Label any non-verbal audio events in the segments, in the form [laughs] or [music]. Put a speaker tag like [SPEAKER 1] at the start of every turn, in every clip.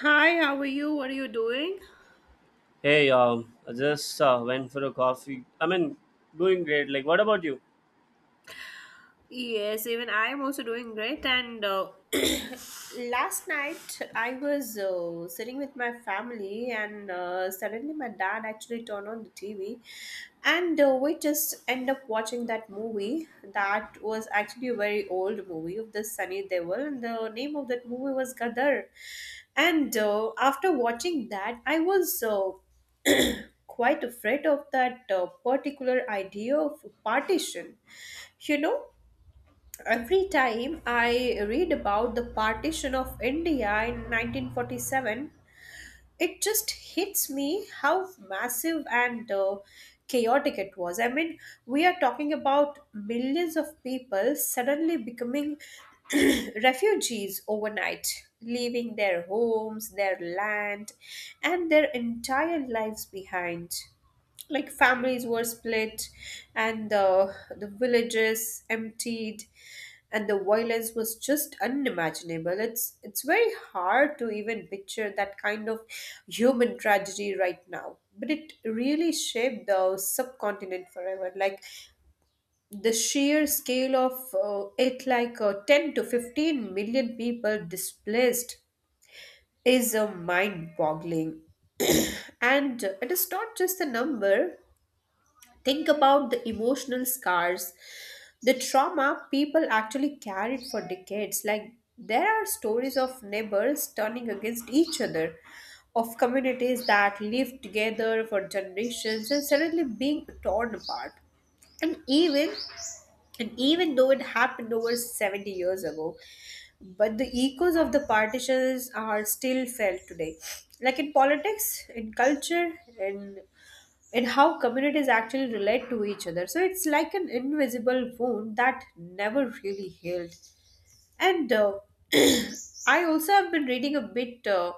[SPEAKER 1] Hi, how are you? What are you doing?
[SPEAKER 2] Hey, I just went for a coffee. I mean, doing great. Like, what about you?
[SPEAKER 1] Yes, even I am also doing great. And [coughs] [clears throat] Last night I was sitting with my family, and suddenly my dad actually turned on the TV, and we just end up watching that movie. That was actually a very old movie of the Sunny Deol, and the name of that movie was Gadar. And after watching that, I was [coughs] [clears throat] quite afraid of that particular idea of partition you know Every time I read about the partition of India in 1947, it just hits me how massive and chaotic it was. I mean, we are talking about millions of people suddenly becoming [clears throat] refugees overnight, leaving their homes, their land, and their entire lives behind. Like, families were split, and the villages emptied, and the violence was just unimaginable. It's very hard to even picture that kind of human tragedy right now, but it really shaped the subcontinent forever. Like, the sheer scale of it, like 10 to 15 million people displaced, is a mind boggling. And it is not just the number. Think about the emotional scars, the trauma people actually carried for decades. Like, there are stories of neighbors turning against each other, of communities that lived together for generations and suddenly being torn apart. And even and even though it happened over 70 years ago, but the echoes of the partitions are still felt today. Like, in politics, in culture, in in how communities actually relate to each other. So it's like an invisible wound that never really healed. And [clears throat] I also have been reading a bit.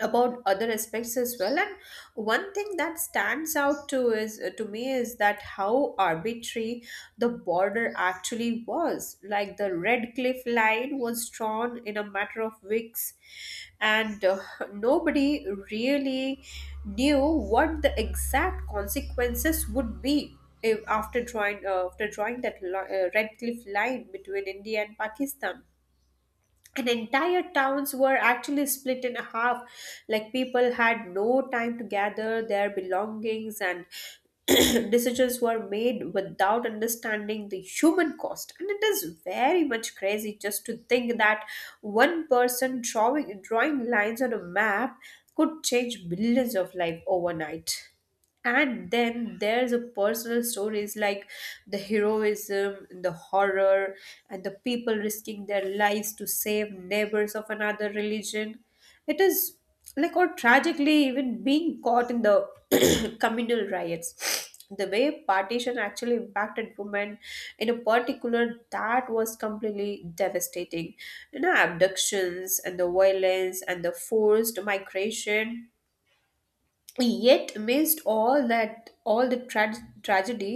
[SPEAKER 1] About other aspects as well. And one thing that stands out to me is that how arbitrary the border actually was. Like, the red cliff line was drawn in a matter of weeks, and nobody really knew what the exact consequences would be if, after drawing that red cliff line between india and pakistan, and entire towns were actually split in half. Like, people had no time to gather their belongings, and [clears throat] decisions were made without understanding the human cost. And it is very much crazy just to think that one person drawing lines on a map could change billions of lives overnight. And then there's a personal stories, like the heroism, the horror, and the people risking their lives to save neighbors of another religion. It is Like, or tragically even being caught in the [clears throat] communal riots. The way partition actually impacted women in a particular that was completely devastating, you know, abductions and the violence and the forced migration. Yet amidst all that, tragedy,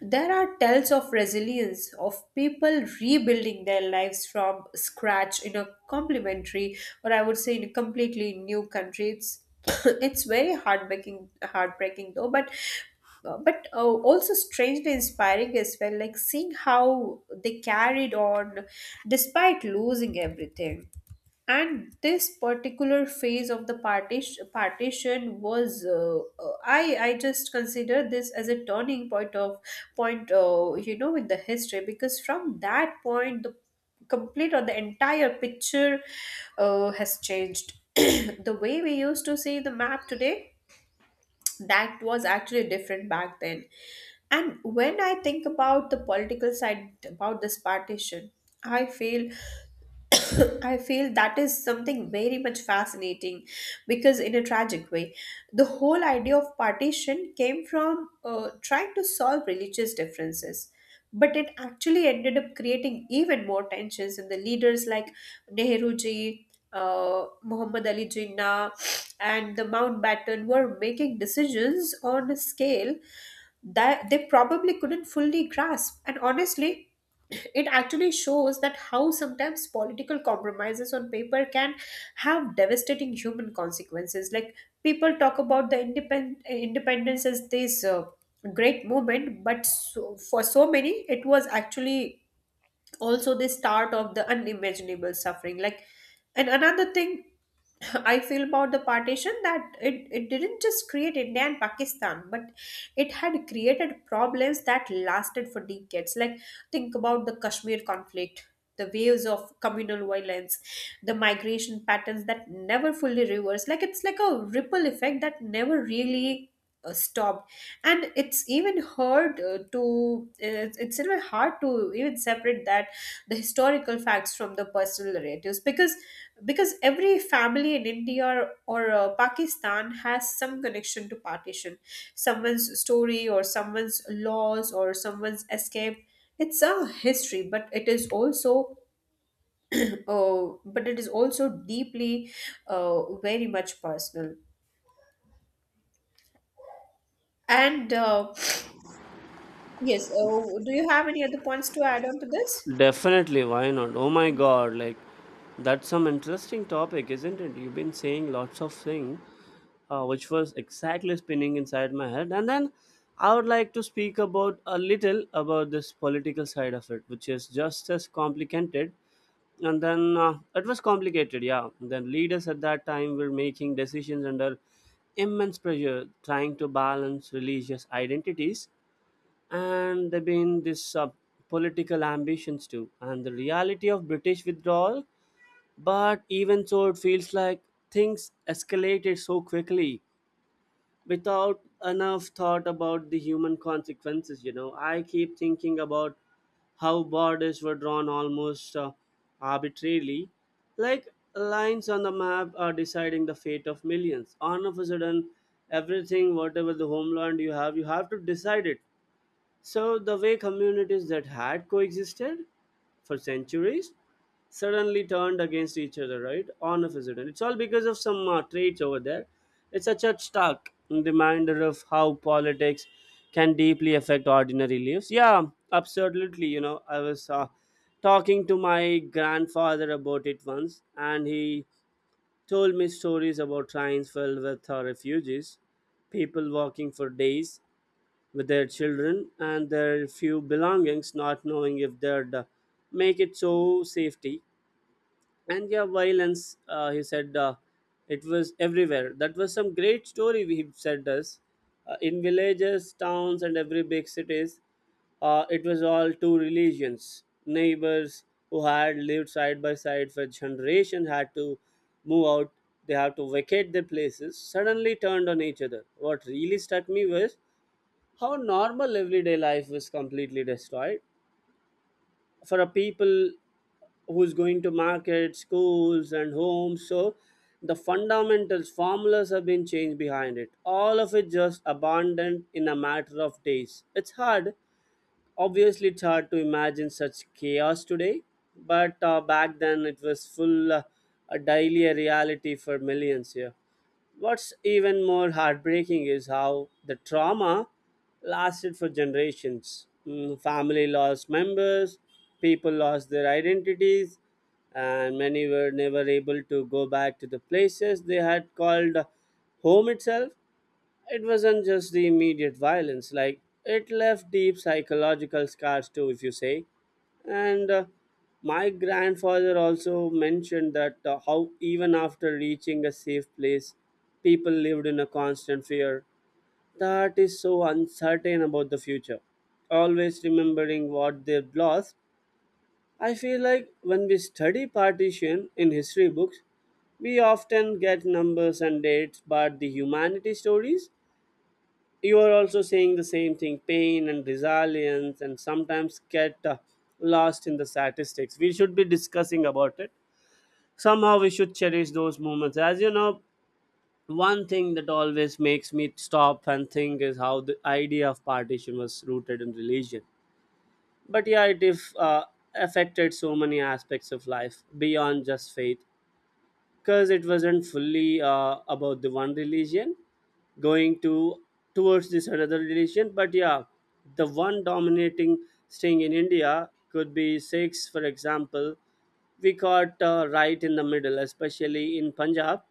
[SPEAKER 1] there are tales of resilience, of people rebuilding their lives from scratch in a complementary, or I would say in a completely new country. It's [coughs] It's very heartbreaking, heartbreaking though but also strangely inspiring as well. Like, seeing how they carried on despite losing everything. And this particular phase of the partition was I just consider this as a turning point of point you know, in the history, because from that point the complete, or the entire picture, has changed. [clears throat] The way we used to see the map today, that was actually different back then. And when I think about the political side about this partition, I feel [coughs] I feel that is something very much fascinating, because, in a tragic way, the whole idea of partition came from trying to solve religious differences. But it actually ended up creating even more tensions in the leaders, like Nehruji, Muhammad Ali Jinnah, and the Mountbatten were making decisions on a scale that they probably couldn't fully grasp. And honestly, it actually shows that how sometimes political compromises on paper can have devastating human consequences. Like, people talk about the independence as this great moment, but so, for so many, it was actually also the start of the unimaginable suffering. Like, and another thing [clears throat] [laughs] I feel about the partition that it didn't just create India and Pakistan, but it had created problems that lasted for decades. Like, think about the Kashmir conflict, the waves of communal violence, the migration patterns that never fully reversed. Like, it's like a ripple effect that never really stopped. And it's even hard to even separate that the historical facts from the personal narratives, because every family in india, or pakistan has some connection to partition, someone's story, or someone's loss, or someone's escape. It's a history, but it is also [clears throat] uh, but it is also deeply very much personal. And yes Do you have any other points to add on to this?
[SPEAKER 2] Definitely, why not? Oh my God, like, that's some interesting topic, isn't it? You've been saying lots of things, which was exactly spinning inside my head. And then I would like to speak about a little about this political side of it, which is just as complicated, and then it was complicated, yeah, then leaders at that time were making decisions under immense pressure, trying to balance religious identities, and there been this political ambitions too, and the reality of British withdrawal. But even so, it feels like things escalated so quickly without enough thought about the human consequences. I keep thinking about how borders were drawn almost arbitrarily, like lines on the map are deciding the fate of millions. All of a sudden, everything, whatever the homeland you have, you have to decide it. So, the way communities that had coexisted for centuries suddenly turned against each other, right? On a president. It's all because of some traits over there. It's such a stark reminder of how politics can deeply affect ordinary lives. Yeah, absolutely. I was talking to my grandfather about it once, and he told me stories about trains filled with refugees, people walking for days with their children and their few belongings, not knowing if they'd make it so safety. And yeah, violence, he said, it was everywhere. That was some great story, he said us. In villages, towns, and every big cities, it was all two religions. Neighbors who had lived side by side for generations had to move out. They had to vacate their places, suddenly turned on each other. What really struck me was how normal everyday life was completely destroyed for a people who's going to market, schools, and homes. So the fundamentals, formulas have been changed behind it. All of it just abandoned in a matter of days. It's hard. Obviously, it's hard to imagine such chaos today. But back then, it was full a daily reality for millions here. What's even more heartbreaking is how the trauma lasted for generations. Family lost members, people lost their identities, and many were never able to go back to the places they had called home itself. It wasn't just the immediate violence, like, it left deep psychological scars too, if you say. And my grandfather also mentioned that how even after reaching a safe place, people lived in a constant fear, that is so uncertain about the future. Always remembering what they've lost, I feel like when we study partition in history books, we often get numbers and dates, but the humanity stories, you are also saying the same thing, pain and resilience, and sometimes get lost in the statistics. We should be discussing about it somehow. We should cherish those moments, as you know, one thing that always makes me stop and think is how the idea of partition was rooted in religion, but yeah, it if affected so many aspects of life beyond just faith, because it wasn't fully about the one religion going to towards this another relation. But yeah, the one dominating string in India could be six, for example. We got right in the middle, especially in Punjab.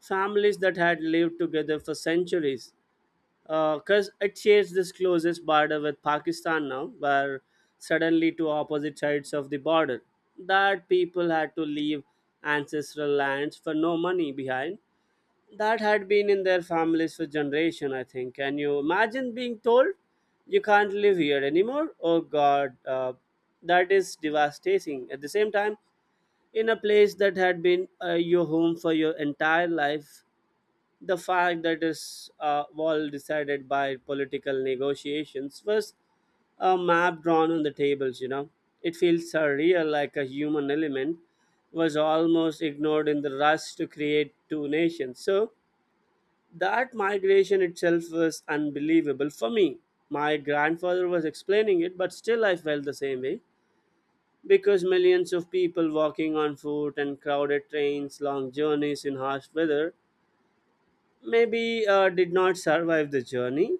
[SPEAKER 2] Families that had lived together for centuries, because it shares this closest border with Pakistan now, where suddenly two opposite sides of the border, that people had to leave ancestral lands for no money behind, that had been in their families for generation. I think, can you imagine being told you can't live here anymore? Oh God, that is devastating at the same time, in a place that had been your home for your entire life. The fact that is all decided by political negotiations was a map drawn on the tables. It feels surreal, like a human element was almost ignored in the rush to create two nations. So that migration itself was unbelievable for me. My grandfather was explaining it, but still I felt the same way, because millions of people walking on foot and crowded trains, long journeys in harsh weather, maybe did not survive the journey.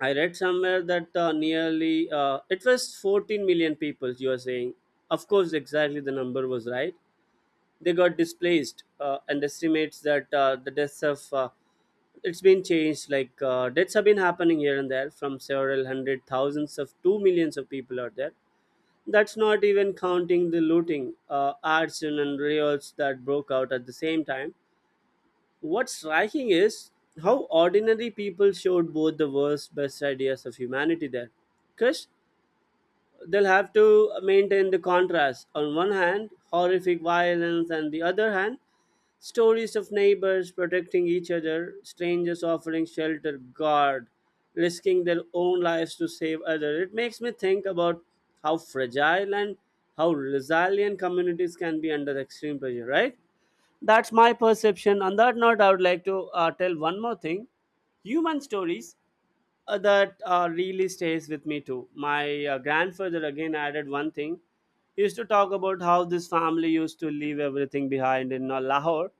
[SPEAKER 2] I read somewhere that nearly it was 14 million people. You are saying, of course, exactly the number was right. They got displaced, and estimates that the deaths of it's been changed, like deaths have been happening here and there from several hundred thousands of two millions of people out there. That's not even counting the looting, arson, and riots that broke out at the same time. What's striking is how ordinary people showed both the worst best ideas of humanity there, because they'll have to maintain the contrast. On one hand, horrific violence, and the other hand, stories of neighbors protecting each other, strangers offering shelter, guard, risking their own lives to save others. It makes me think about how fragile and how resilient communities can be under extreme pressure, right? That's my perception. On that note, I would like to tell one more thing, human stories that really stays with me too. My grandfather again added one thing. He used to talk about how this family used to leave everything behind in Lahore,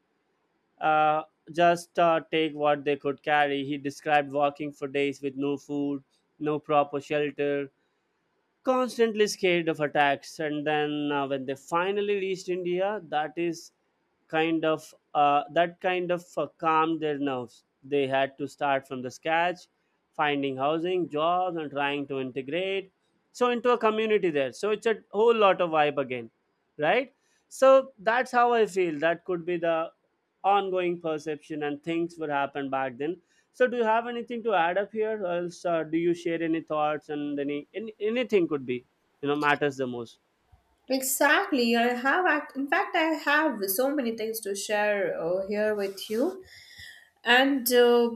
[SPEAKER 2] uh, just take what they could carry. He described walking for days with no food, no proper shelter, constantly scared of attacks. And then when they finally reached India, that kind of calmed their nerves. They had to start from the scratch, finding housing jobs and trying to integrate so into a community there. So it's a whole lot of vibe again, right? So that's how I feel, that could be the ongoing perception and things would happen back then. So, do you have anything to add up here? Or else, do you share any thoughts and any anything could be, matters the most?
[SPEAKER 1] Exactly. In fact, I have so many things to share here with you. And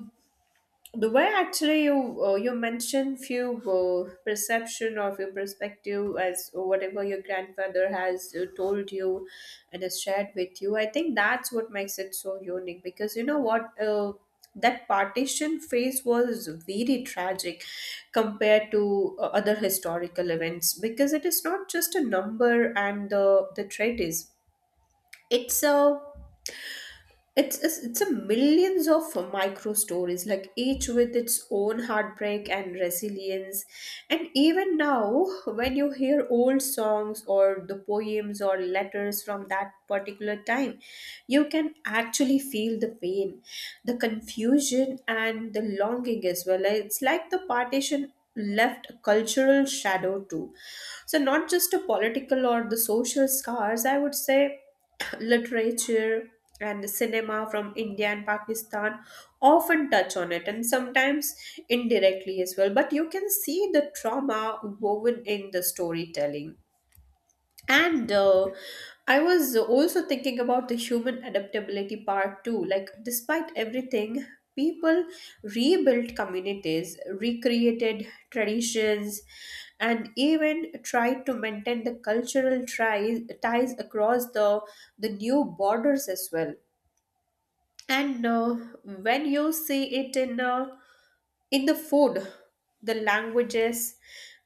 [SPEAKER 1] The way actually you mentioned few perception, or your perspective, as whatever your grandfather has told you and has shared with you, I think that's what makes it so unique. Because you know what, that partition phase was very tragic compared to other historical events, because it is not just a number. And the trait is, it's a, it's a millions of micro stories, like each with its own heartbreak and resilience. And even now, when you hear old songs, or the poems, or letters from that particular time, you can actually feel the pain, the confusion, and the longing as well. It's like the partition left a cultural shadow too. So, not just the political or the social scars, I would say [clears throat] literature and cinema from India and Pakistan often touch on it, and sometimes indirectly as well. But you can see the trauma woven in the storytelling. And I was also thinking about the human adaptability part too. Like, despite everything, people rebuilt communities, recreated traditions, and even tried to maintain the ties across the new borders as well. And When you see it in the food, the languages,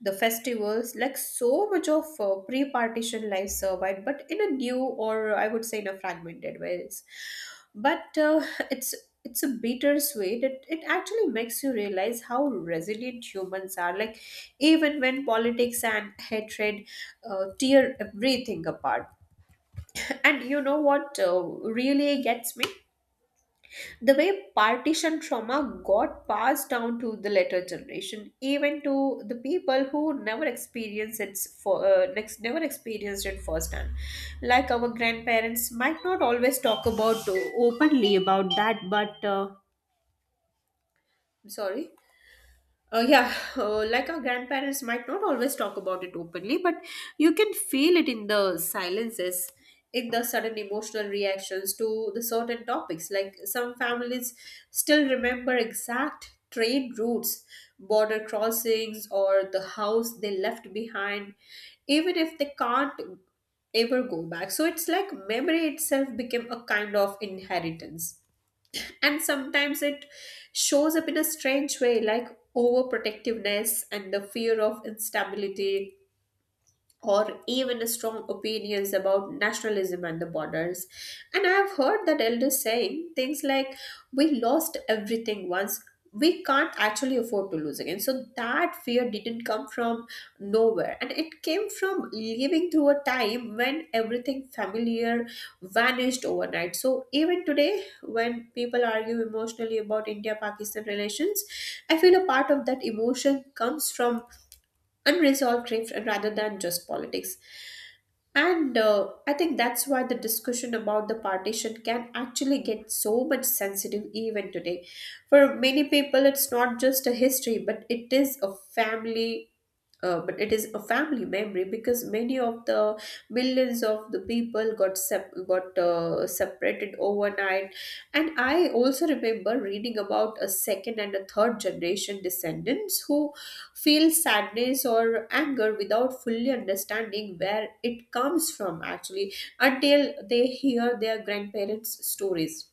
[SPEAKER 1] the festivals, like so much of pre-partition life survived, but in a new, or I would say in a fragmented ways. But uh, it's it's a bittersweet. It actually makes you realize how resilient humans are, like even when politics and hatred tear everything apart. And you know what, really gets me, the way partition trauma got passed down to the later generation, even to the people who never experienced it for next never experienced it firsthand. Like, our grandparents might not always talk about openly about that but I'm sorry. Yeah, like, our grandparents might not always talk about it openly, but you can feel it in the silences, in the sudden emotional reactions to the certain topics. Like, some families still remember exact train routes, border crossings, or the house they left behind, even if they can't ever go back. So it's like memory itself became a kind of inheritance, and sometimes it shows up in a strange way, like overprotectiveness and the fear of instability, or even strong opinions about nationalism and the borders. And I have heard that elders saying things like, "We lost everything once. We can't actually afford to lose again." So that fear didn't come from nowhere. And it came from living through a time when everything familiar vanished overnight. So even today, when people argue emotionally about India Pakistan relations, I feel a part of that emotion comes from unresolved grief, rather than just politics. And I think that's why the discussion about the partition can actually get so much sensitive even today. For many people, it's not just a history, but it is a family memory, because many of the millions of the people got separated overnight. And I also remember reading about a second and a third generation descendants who feel sadness or anger without fully understanding where it comes from, actually, until they hear their grandparents stories.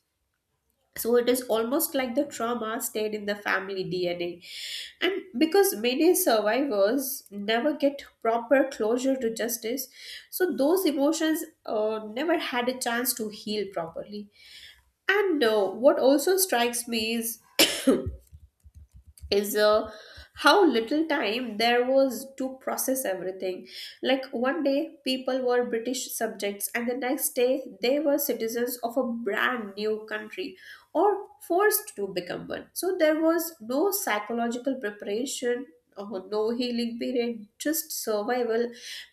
[SPEAKER 1] So it is almost like the trauma stayed in the family DNA. And because many survivors never get proper closure to justice, so those emotions never had a chance to heal properly. And What also strikes me is [coughs] is how little time there was to process everything. Like, one day people were British subjects, and the next day they were citizens of a brand new country, or forced to become one. So there was no psychological preparation, or no healing period, just survival.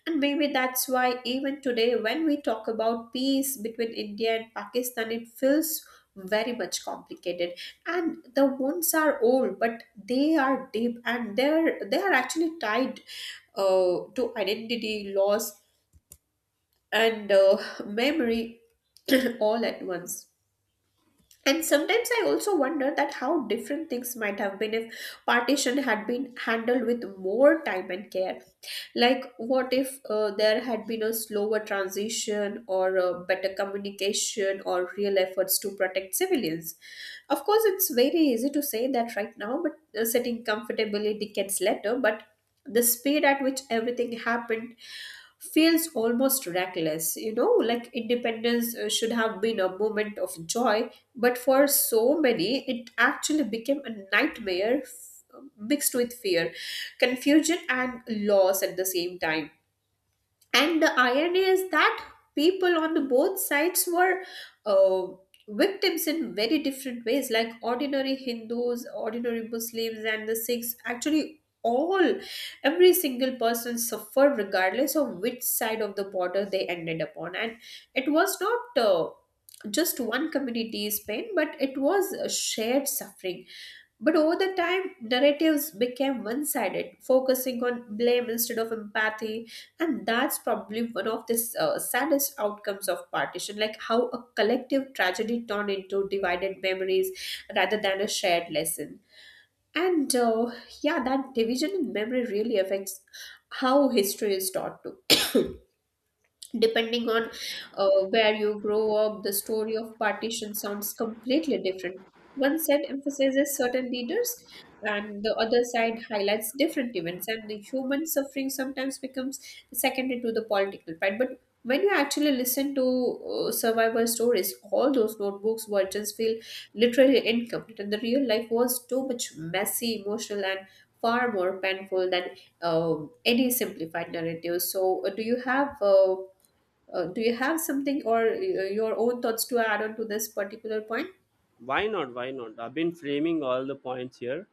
[SPEAKER 1] And maybe that's why, even today, when we talk about peace between India and Pakistan, it feels very much complicated, and the wounds are old, but they are deep, and they are actually tied to identity loss and [laughs] memory [clears throat] all at once. And sometimes I also wonder that how different things might have been if partition had been handled with more time and care. Like what if there had been a slower transition, or better communication, or real efforts to protect civilians. Of course, it's very easy to say that right now, but sitting comfortably decades later, but the speed at which everything happened feels almost reckless. You know, like independence should have been a moment of joy, but for so many, it actually became a nightmare, mixed with fear, confusion, and loss at the same time. And the irony is that people on the both sides were uh, victims in very different ways. Like ordinary Hindus, ordinary Muslims, and the Sikhs, actually all, every single person suffered regardless of which side of the border they ended upon. And it was not just one community's pain, but it was a shared suffering. But over the time, narratives became one sided, focusing on blame instead of empathy. And that's probably one of the saddest outcomes of partition, like how a collective tragedy turned into divided memories rather than a shared lesson. And Yeah, that division in memory really affects how history is taught too. [coughs] Depending on where you grow up, the story of partition sounds completely different. One side emphasizes certain leaders, and the other side highlights different events, and the human suffering sometimes becomes secondary to the political part. But when you actually listen to survivor stories, all those notebooks versions feel literally incomplete, and the real life was too much messy, emotional, and far more painful than any simplified narrative. So, do you have something, or your own thoughts to add on to this particular point?
[SPEAKER 2] Why not? Why not? I've been framing all the points here.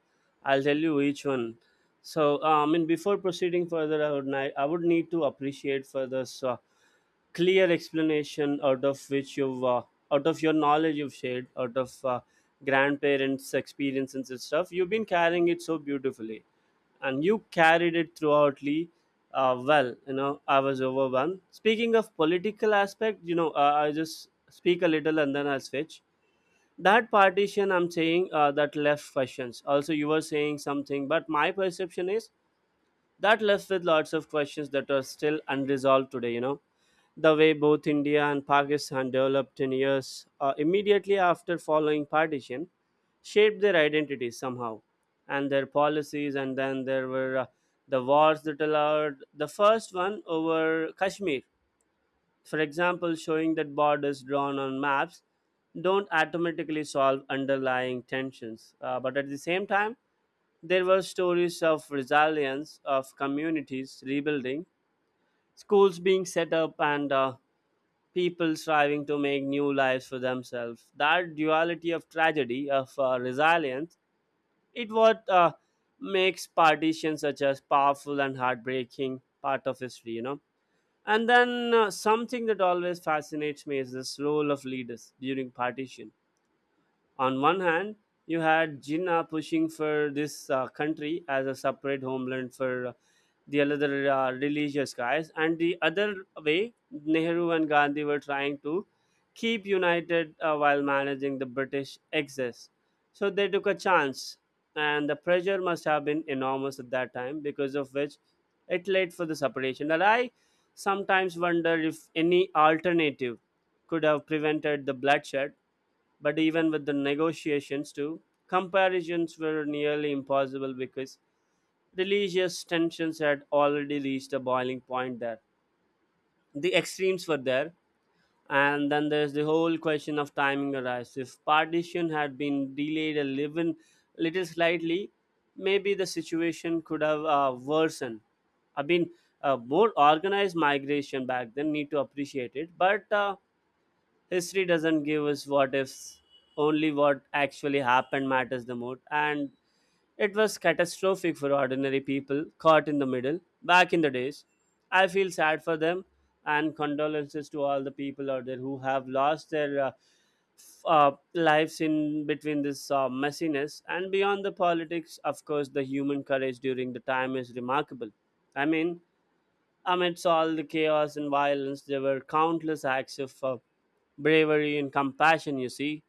[SPEAKER 2] I'll tell you each one. So, I mean, before proceeding further, I would need to appreciate for this clear explanation out of which you've out of your knowledge you've shared, out of grandparents' experience and stuff. You've been carrying it so beautifully, and you carried it throughoutly. Well, I was overwhelmed. Speaking of political aspect, I just speak a little and then I'll switch. That partition I'm saying, that left questions also, you were saying something, but my perception is that left with lots of questions that are still unresolved today. The way both India and Pakistan developed in years, immediately after following partition, shaped their identities somehow, and their policies. And then there were the wars that allowed the first one over Kashmir, for example, showing that borders drawn on maps don't automatically solve underlying tensions. But at the same time, there were stories of resilience, of communities rebuilding, schools being set up, and people striving to make new lives for themselves. That duality of tragedy, of resilience, it what makes partition such as powerful and heartbreaking part of history. And then something that always fascinates me is this role of leaders during partition. On one hand, you had Jinnah pushing for this country as a separate homeland for the other religious guys, and the other way, Nehru and Gandhi were trying to keep united while managing the British excess. So they took a chance, and the pressure must have been enormous at that time, because of which it led for the separation. And I sometimes wonder if any alternative could have prevented the bloodshed. But even with the negotiations too, comparisons were nearly impossible because religious tensions had already reached a boiling point there. The extremes were there. And then there's the whole question of timing arise. If partition had been delayed a little, slightly, maybe the situation could have worsened. I mean, more organized migration back then need to appreciate it, but history doesn't give us what ifs. Only what actually happened matters the most, and it was catastrophic for ordinary people caught in the middle back in the days. I feel sad for them, and condolences to all the people out there who have lost their lives in between this messiness. And beyond the politics, of course, the human courage during the time is remarkable. I mean, amidst all the chaos and violence, there were countless acts of bravery and compassion, you see.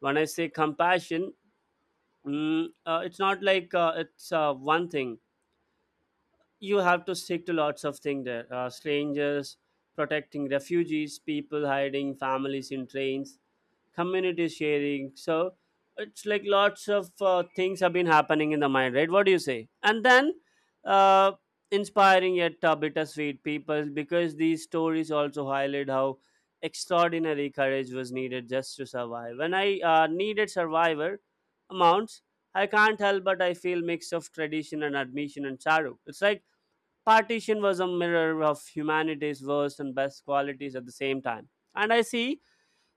[SPEAKER 2] When I say compassion, it's not like it's one thing. You have to stick to lots of things there. Strangers, protecting refugees, people hiding, families in trains, community sharing. So it's like lots of things have been happening in the mind, right? What do you say? And then uh, inspiring yet bittersweet people, because these stories also highlight how extraordinary courage was needed just to survive when I needed survivor amounts. I can't help but I feel mix of tradition and admission and sorrow. It's like partition was a mirror of humanity's worst and best qualities at the same time. And I see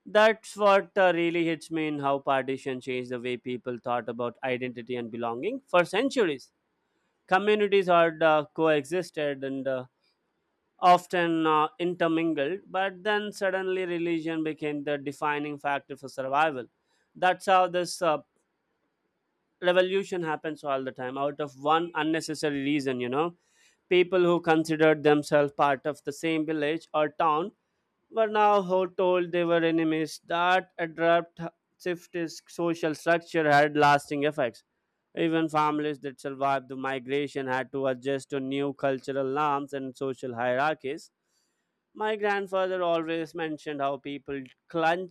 [SPEAKER 2] that's what really hits me in how partition changed the way people thought about identity and belonging. For centuries, communities had coexisted and often intermingled, but then suddenly religion became the defining factor for survival. That's how this revolution happens all the time, out of one unnecessary reason, people who considered themselves part of the same village or town were now told they were enemies. That abrupt shift in social structure had lasting effects. Even families that survived the migration had to adjust to new cultural norms and social hierarchies. My grandfather always mentioned how people clung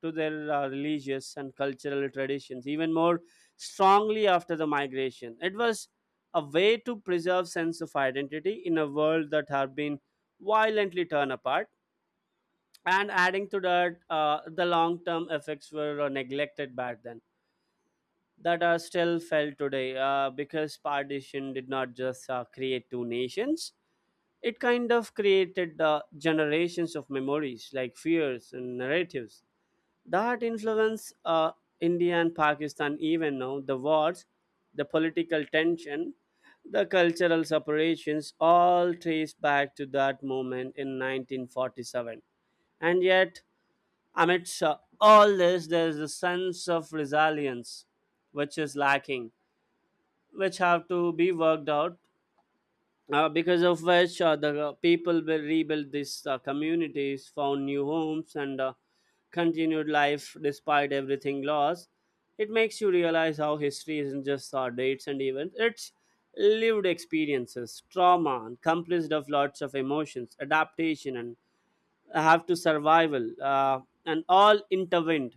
[SPEAKER 2] to their religious and cultural traditions even more strongly after the migration. It was a way to preserve sense of identity in a world that had been violently torn apart. And adding to that, the long term effects were neglected back then that are still felt today, because partition did not just create two nations. It kind of created generations of memories like fears and narratives that influence India and Pakistan even now. The wars, the political tension, the cultural separations all trace back to that moment in 1947. And yet, amidst all this, there is a sense of resilience which is lacking, which have to be worked out, because of which the people will rebuild these communities, found new homes, and continued life despite everything lost. It makes you realize how history isn't just dates and events. It's lived experiences, trauma, and comprised of lots of emotions, adaptation, and have to survival, and all intervened.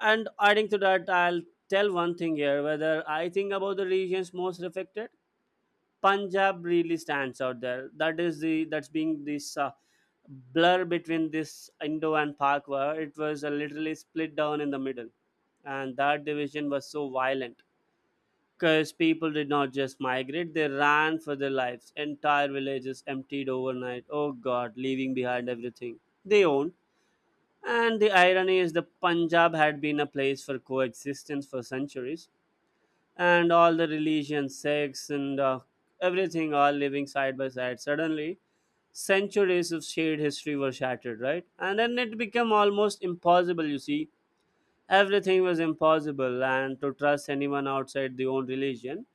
[SPEAKER 2] And adding to that, I'll tell one thing here whether I think about the regions most affected. Punjab really stands out there. That is the That's being this blur between this Indo and Pak war. It was literally split down in the middle, and that division was so violent because people did not just migrate; they ran for their lives. Entire villages emptied overnight. Oh God, leaving behind everything they owned. And the irony is, the Punjab had been a place for coexistence for centuries, and all the religions, sects, and everything all living side by side. Suddenly, centuries of shared history were shattered, right? And then it became almost impossible, you see. Everything was impossible, and to trust anyone outside the own religion.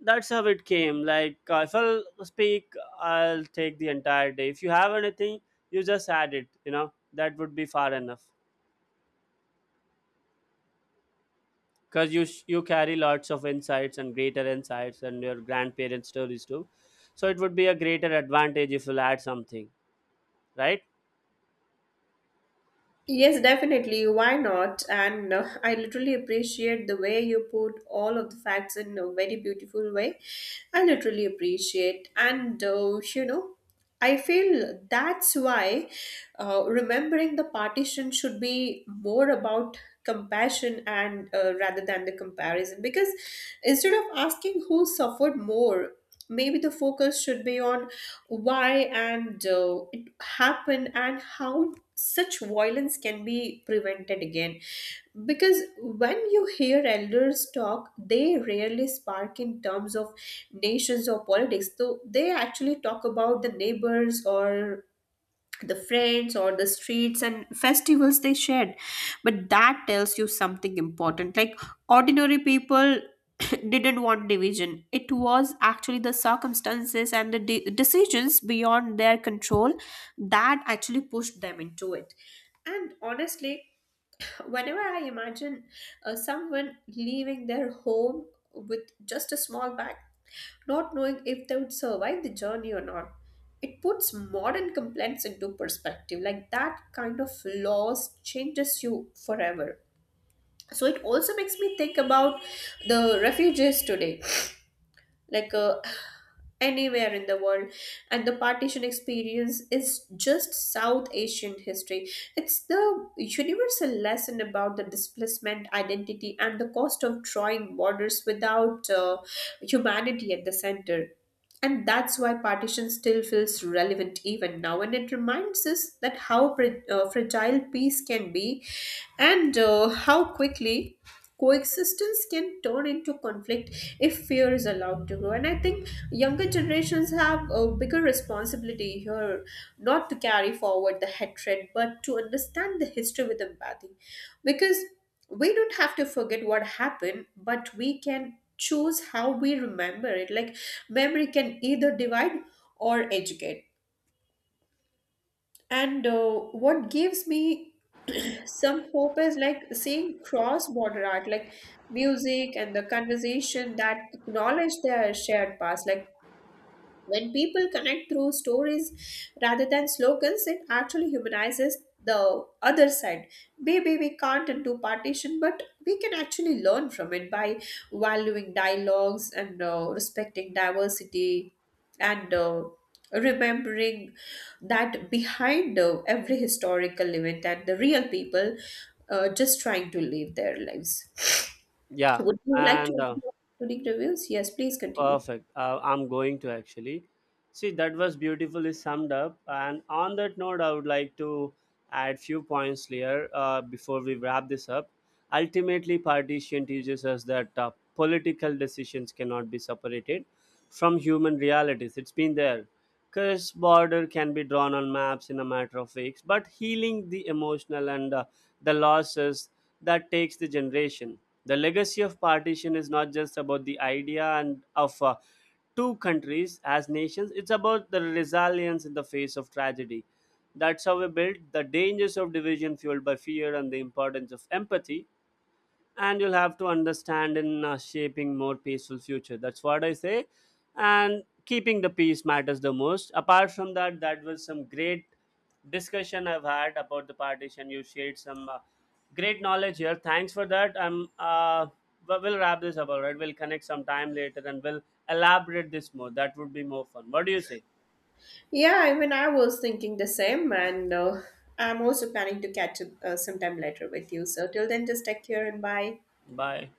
[SPEAKER 2] That's how it came. Like, if I'll speak, I'll take the entire day. If you have anything, you just add it, you know, that would be far enough. Because you carry lots of insights and greater insights and your grandparents stories too. So it would be a greater advantage if you'll add something, right?
[SPEAKER 1] Yes, definitely. Why not? And [laughs] I literally appreciate the way you put all of the facts in a very beautiful way. I literally appreciate. And, you know, I feel that's why remembering the partition should be more about compassion, and rather than the comparison. Because instead of asking who suffered more, maybe the focus should be on why and it happened, and how such violence can be prevented again. Because when you hear elders talk, they rarely spark in terms of nations or politics, though they actually talk about the neighbors, or the friends, or the streets and festivals they shared. But that tells you something important, like ordinary people [coughs] [clears throat] didn't want division. It was actually the circumstances and the decisions beyond their control that actually pushed them into it. And honestly, whenever I imagine someone leaving their home with just a small bag, not knowing if they would survive the journey or not, it puts modern complaints into perspective. Like that kind of loss changes you forever. So it also makes me think about the refugees today. Like anywhere in the world. And the partition experience is just South Asian history. It's the universal lesson about the displacement, identity, and the cost of drawing borders without humanity at the center. And that's why partition still feels relevant even now, and it reminds us that how fragile peace can be, and how quickly coexistence can turn into conflict if fear is allowed to grow. And I think younger generations have a bigger responsibility here, not to carry forward the hatred, but to understand the history with empathy. Because we don't have to forget what happened, but we can choose how we remember it. Like memory can either divide or educate. And what gives me [clears throat] some hope is like seeing cross border art, like music and the conversation that acknowledge their shared past. Like when people connect through stories rather than slogans, it actually humanizes the other side. Maybe we can't undo partition, but we can actually learn from it by valuing dialogues, and respecting diversity, and remembering that behind every historical event and the real people just trying to live their lives.
[SPEAKER 2] Yeah,
[SPEAKER 1] Would you like
[SPEAKER 2] and
[SPEAKER 1] to include reviews? Yes, please continue.
[SPEAKER 2] perfect. I'm going to actually. See, that was beautifully summed up. And on that note, I would like to add few points here before we wrap this up. Ultimately, partition teaches us that political decisions cannot be separated from human realities. It's been there. Because border can be drawn on maps in a matter of weeks, but healing the emotional and the losses, that takes the generation. The legacy of partition is not just about the idea and of two countries as nations. It's about the resilience in the face of tragedy. That's how we build the dangers of division fueled by fear and the importance of empathy, and you'll have to understand in shaping more peaceful future. That's what I say, and keeping the peace matters the most. Apart from that, that was some great discussion I've had about the partition. You shared some great knowledge here. Thanks for that. I'm we'll wrap this up. All right, we'll connect sometime later and we'll elaborate this more. That would be more fun. What do you say?
[SPEAKER 1] Yeah, even I was thinking the same, and I'm also planning to catch up sometime later with you. So till then, just take care and bye.
[SPEAKER 2] Bye.